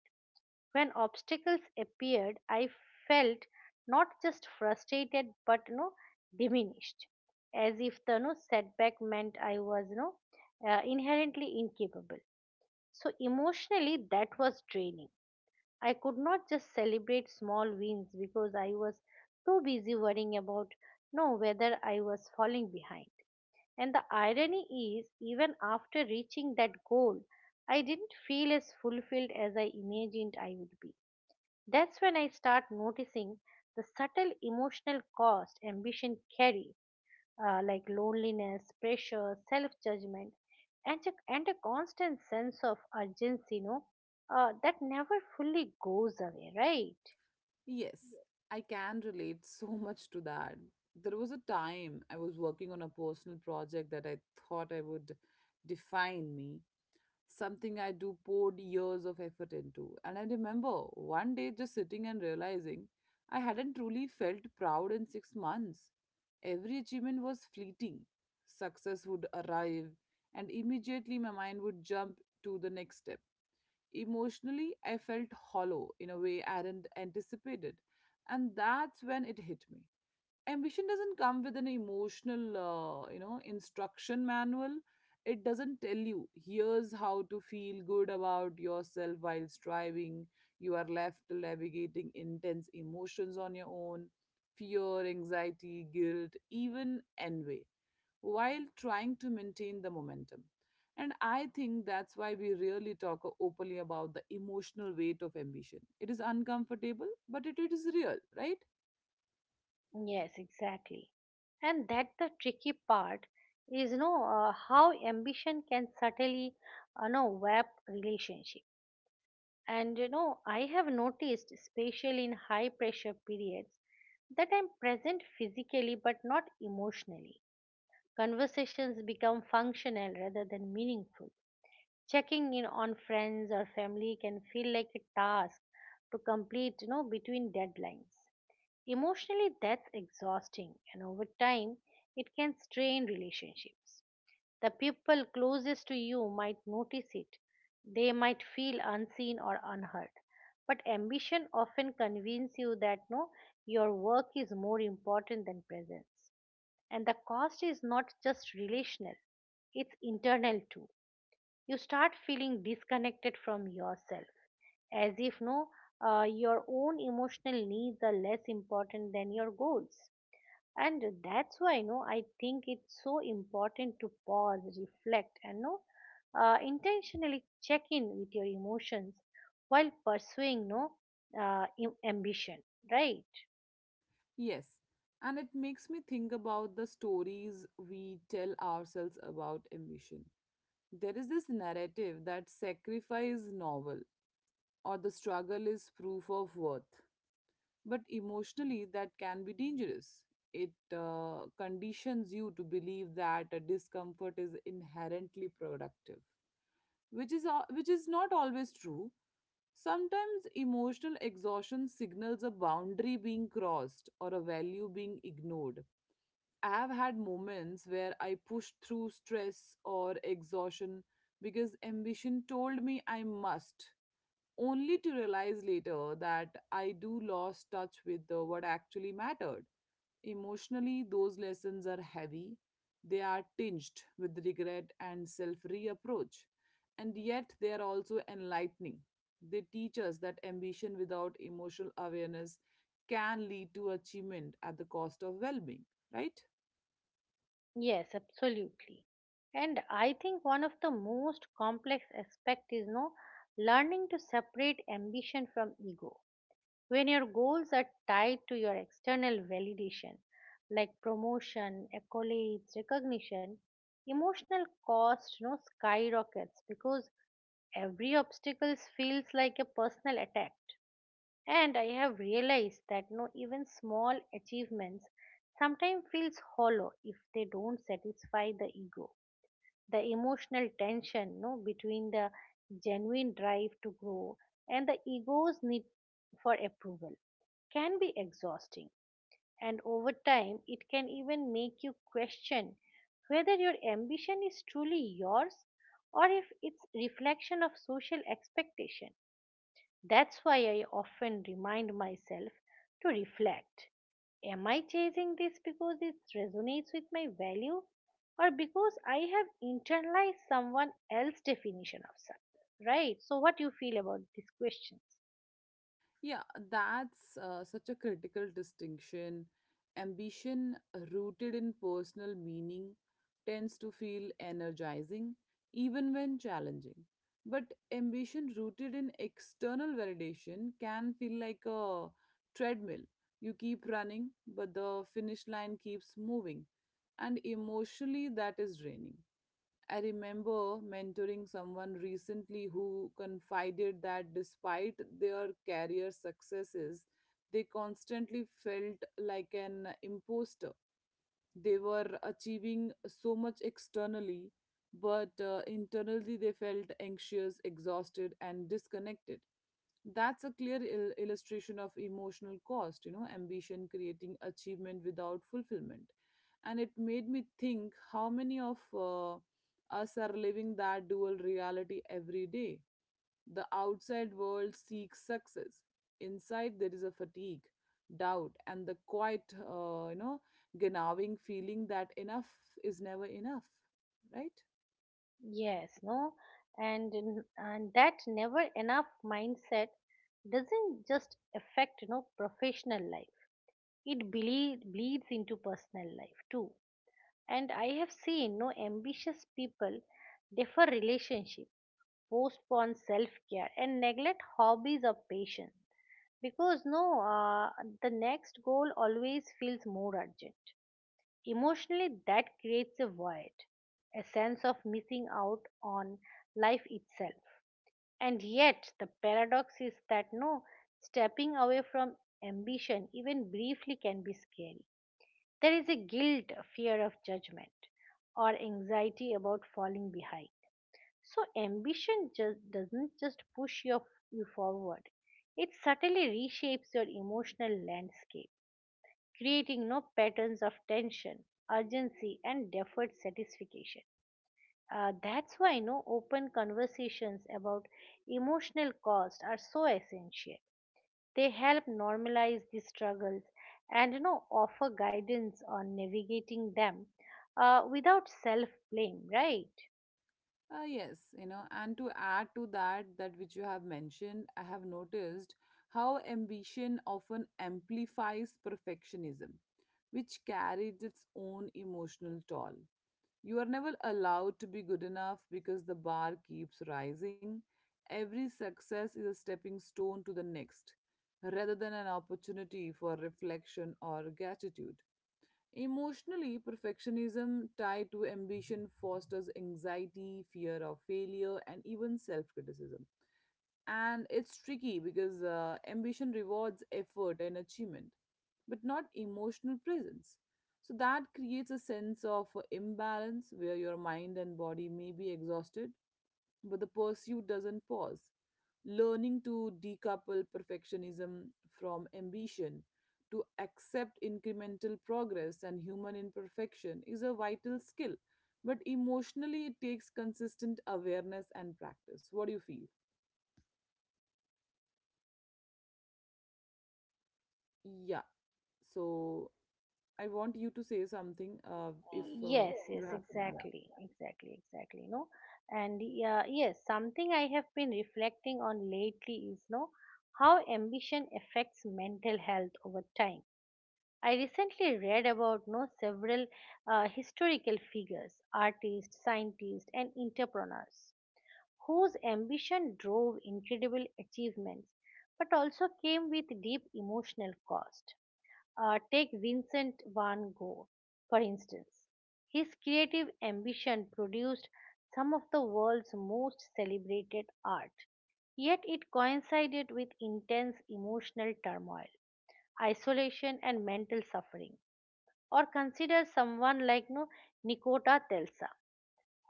When obstacles appeared, I felt not just frustrated but, diminished, as if the, setback meant I was, inherently incapable. So emotionally, that was draining. I could not just celebrate small wins because I was too busy worrying about no whether I was falling behind. And the irony is, even after reaching that goal, I didn't feel as fulfilled as I imagined I would be. That's when I start noticing the subtle emotional cost ambition carries, like loneliness, pressure, self judgment, and a constant sense of urgency, that never fully goes away, right?
Yes, I can relate so *laughs* much to that. There was a time I was working on a personal project that I thought I would define me, something I do poured years of effort into. And I remember one day just sitting and realizing I hadn't truly felt proud in 6 months. Every achievement was fleeting. Success would arrive, and immediately my mind would jump to the next step. Emotionally, I felt hollow in a way I hadn't anticipated. And that's when it hit me. Ambition doesn't come with an emotional, instruction manual. It doesn't tell you, here's how to feel good about yourself while striving. You are left navigating intense emotions on your own: fear, anxiety, guilt, even envy, while trying to maintain the momentum. And I think that's why we rarely talk openly about the emotional weight of ambition. It is uncomfortable, but it is real, right?
Yes, exactly. And that the tricky part is, how ambition can subtly, warp relationships. And you know, I have noticed, especially in high pressure periods, that I'm present physically but not emotionally. Conversations become functional rather than meaningful. Checking in on friends or family can feel like a task to complete, you know, between deadlines. Emotionally, that's exhausting, and over time, it can strain relationships. The people closest to you might notice it. They might feel unseen or unheard. But ambition often convinces you that, no, your work is more important than presence. And the cost is not just relational, it's internal too. You start feeling disconnected from yourself, as if, no, your own emotional needs are less important than your goals. And that's why, you know, I think it's so important to pause, reflect, and, you know, intentionally check in with your emotions while pursuing, no im- ambition, right?
Yes. And it makes me think about the stories we tell ourselves about ambition. There is this narrative that sacrifice is novel or the struggle is proof of worth, but emotionally that can be dangerous. It conditions you to believe that discomfort is inherently productive, which is not always true. Sometimes emotional exhaustion signals a boundary being crossed or a value being ignored. I have had moments where I pushed through stress or exhaustion because ambition told me I must, only to realize later that I do lost touch with what actually mattered. Emotionally, those lessons are heavy. They are tinged with regret and self reapproach. And yet, they are also enlightening. They teach us that ambition without emotional awareness can lead to achievement at the cost of well being, right?
Yes, absolutely. And I think one of the most complex aspect is no learning to separate ambition from ego. When your goals are tied to your external validation, like promotion, accolades, recognition, emotional cost no skyrockets because every obstacle feels like a personal attack. And I have realized that no even small achievements sometimes feels hollow if they don't satisfy the ego. The emotional tension, no, between the genuine drive to grow and the ego's need for approval, can be exhausting, and over time, it can even make you question whether your ambition is truly yours, or if it's reflection of social expectation. That's why I often remind myself to reflect. Am I chasing this because it resonates with my value, or because I have internalized someone else's definition of success? Right? So what do you feel about these questions?
Yeah, that's such a critical distinction. Ambition rooted in personal meaning tends to feel energizing even when challenging. But ambition rooted in external validation can feel like a treadmill. You keep running, but the finish line keeps moving. And emotionally, that is draining. I remember mentoring someone recently who confided that despite their career successes, they constantly felt like an imposter. They were achieving so much externally, but internally they felt anxious, exhausted, and disconnected. That's a clear illustration of emotional cost, you know, ambition creating achievement without fulfillment. And it made me think how many of us are living that dual reality every day. The outside world seeks success. Inside there is a fatigue, doubt, and the quite gnawing feeling that enough is never enough, right?
Yes, no. And that never enough mindset doesn't just affect, you know, professional life. It bleeds into personal life too. And I have seen no ambitious people defer relationship, postpone self care, and neglect hobbies or passion because, no, the next goal always feels more urgent. Emotionally, that creates a void, a sense of missing out on life itself. And yet, the paradox is that, no, stepping away from ambition, even briefly, can be scary. There is a guilt, a fear of judgment, or anxiety about falling behind. So, ambition just doesn't just push you forward, it subtly reshapes your emotional landscape, creating no patterns of tension, urgency, and deferred satisfaction. That's why no open conversations about emotional cost are so essential. They help normalize the struggles, and you know, offer guidance on navigating them without self blame, right?
Yes, and to add to that which you have mentioned, I have noticed how ambition often amplifies perfectionism, which carries its own emotional toll. You are never allowed to be good enough because the bar keeps rising. Every success is a stepping stone to the next, rather than an opportunity for reflection or gratitude. Emotionally, perfectionism tied to ambition fosters anxiety, fear of failure, and even self criticism. And it's tricky because ambition rewards effort and achievement, but not emotional presence. So that creates a sense of imbalance where your mind and body may be exhausted, but the pursuit doesn't pause. Learning to decouple perfectionism from ambition, to accept incremental progress and human imperfection is a vital skill, but emotionally it takes consistent awareness and practice. What do you feel? Yeah, so I want you to say something if
Yes,
you
yes,
have something.
exactly, exactly, exactly. No, and yes, something I have been reflecting on lately is no how ambition affects mental health over time. I recently read about no several historical figures, artists, scientists, and entrepreneurs whose ambition drove incredible achievements but also came with deep emotional cost. Take Vincent van Gogh, for instance. His creative ambition produced some of the world's most celebrated art, yet it coincided with intense emotional turmoil, isolation, and mental suffering. Or consider someone like, no, Nikota Tesla,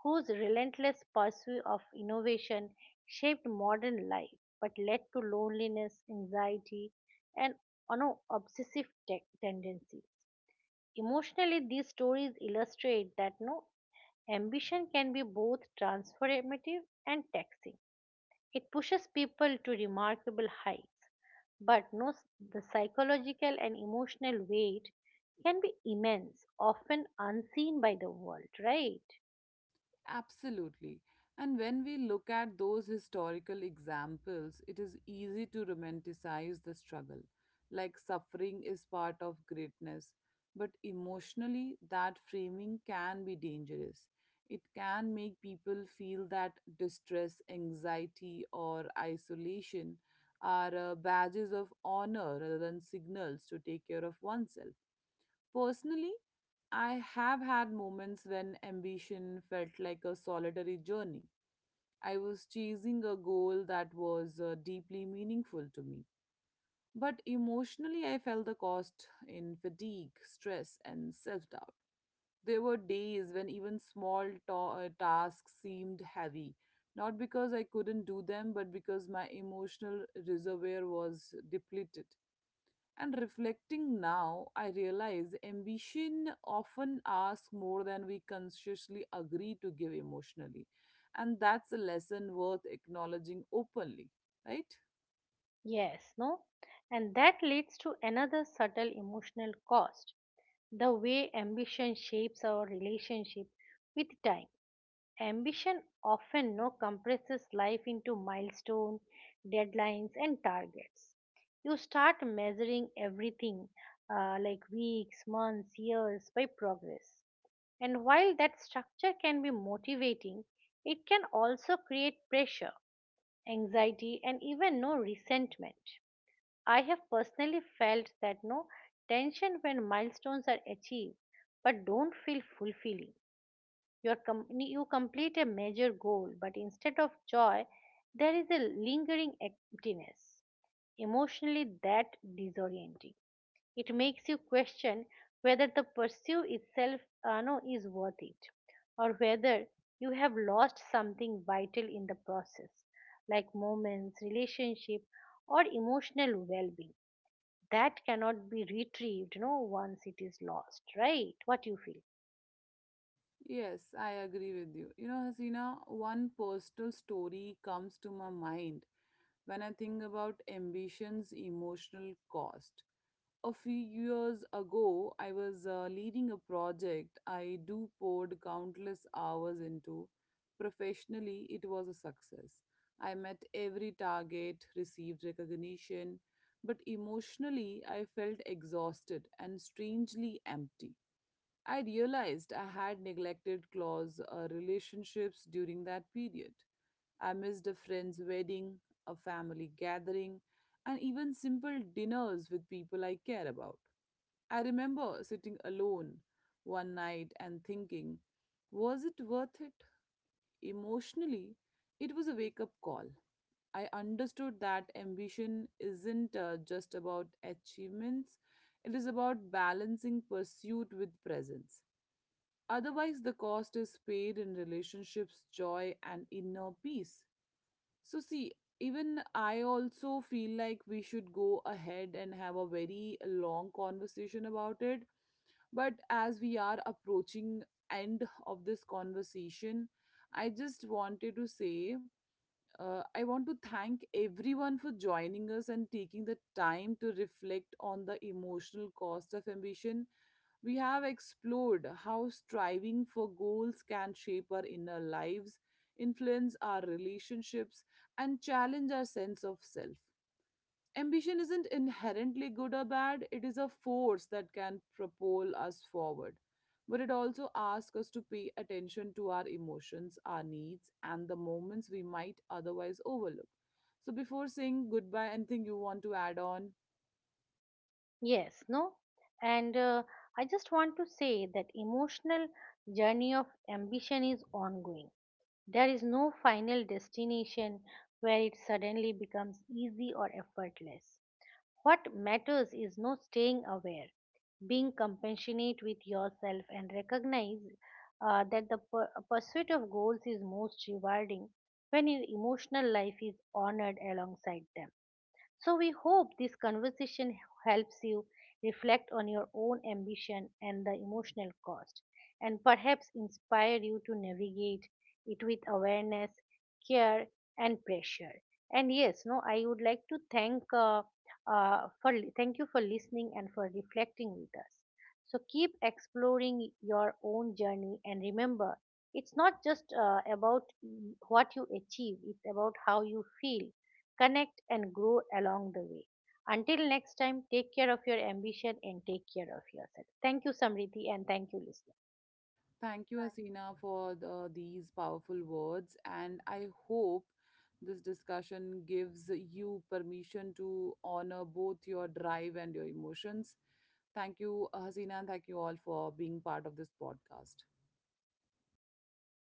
whose relentless pursuit of innovation shaped modern life but led to loneliness, anxiety, and no obsessive tendencies. Emotionally, these stories illustrate that no ambition can be both transformative and taxing. It pushes people to remarkable heights, but, no, s- the psychological and emotional weight can be immense, often unseen by the world, right?
Absolutely. And when we look at those historical examples, it is easy to romanticize the struggle, like suffering is part of greatness. But emotionally, that framing can be dangerous. It can make people feel that distress, anxiety, or isolation are badges of honor rather than signals to take care of oneself. Personally, I have had moments when ambition felt like a solitary journey. I was chasing a goal that was deeply meaningful to me. But emotionally, I felt the cost in fatigue, stress, and self doubt. There were days when even small tasks seemed heavy, not because I couldn't do them, but because my emotional reservoir was depleted. And reflecting now, I realize ambition often asks more than we consciously agree to give emotionally. And that's a lesson worth acknowledging openly, right?
Yes, no? And that leads to another subtle emotional cost, the way ambition shapes our relationship with time. Ambition often no compresses life into milestone, deadlines, and targets. You start measuring everything, like weeks, months, years, by progress. And while that structure can be motivating, it can also create pressure, anxiety, and even no resentment. I have personally felt that no tension when milestones are achieved but don't feel fulfilling. You complete a major goal, but instead of joy, there is a lingering emptiness. Emotionally, that disorienting. It makes you question whether the pursuit itself no, is worth it, or whether you have lost something vital in the process, like moments, relationship, or emotional well being that cannot be retrieved no once it is lost, right? What you feel?
Yes, I agree with you. You know, Hasina, one personal story comes to my mind when I think about ambition's emotional cost. A few years ago, I was leading a project I do poured countless hours into. Professionally, it was a success. I met every target, received recognition, but emotionally, I felt exhausted and strangely empty. I realized I had neglected close relationships during that period. I missed a friend's wedding, a family gathering, and even simple dinners with people I care about. I remember sitting alone one night and thinking, was it worth it? Emotionally, it was a wake up call. I understood that ambition isn't just about achievements, it is about balancing pursuit with presence. Otherwise, the cost is paid in relationships, joy, and inner peace. So, see, even I also feel like we should go ahead and have a very long conversation about it. But as we are approaching end of this conversation, I just wanted to say I want to thank everyone for joining us and taking the time to reflect on the emotional cost of ambition. We have explored how striving for goals can shape our inner lives, influence our relationships, and challenge our sense of self. Ambition isn't inherently good or bad, it is a force that can propel us forward. But it also asks us to pay attention to our emotions, our needs, and the moments we might otherwise overlook. So, before saying goodbye, anything you want to add on?
Yes, no, and I just want to say that emotional journey of ambition is ongoing. There is no final destination where it suddenly becomes easy or effortless. What matters is no staying aware, being compassionate with yourself, and recognize that the pursuit of goals is most rewarding when your emotional life is honored alongside them. So we hope this conversation helps you reflect on your own ambition and the emotional cost, and perhaps inspire you to navigate it with awareness, care, and pressure. And yes, no, I would like to thank thank you for listening and for reflecting with us. So keep exploring your own journey and remember, it's not just about what you achieve, it's about how you feel, connect, and grow along the way. Until next time, take care of your ambition and take care of yourself. Thank you, Samriddhi, and thank you, listeners.
Thank you, Asina, for the, these powerful words. And I hope this discussion gives you permission to honor both your drive and your emotions. Thank you, Hasina, and thank you all for being part of this podcast.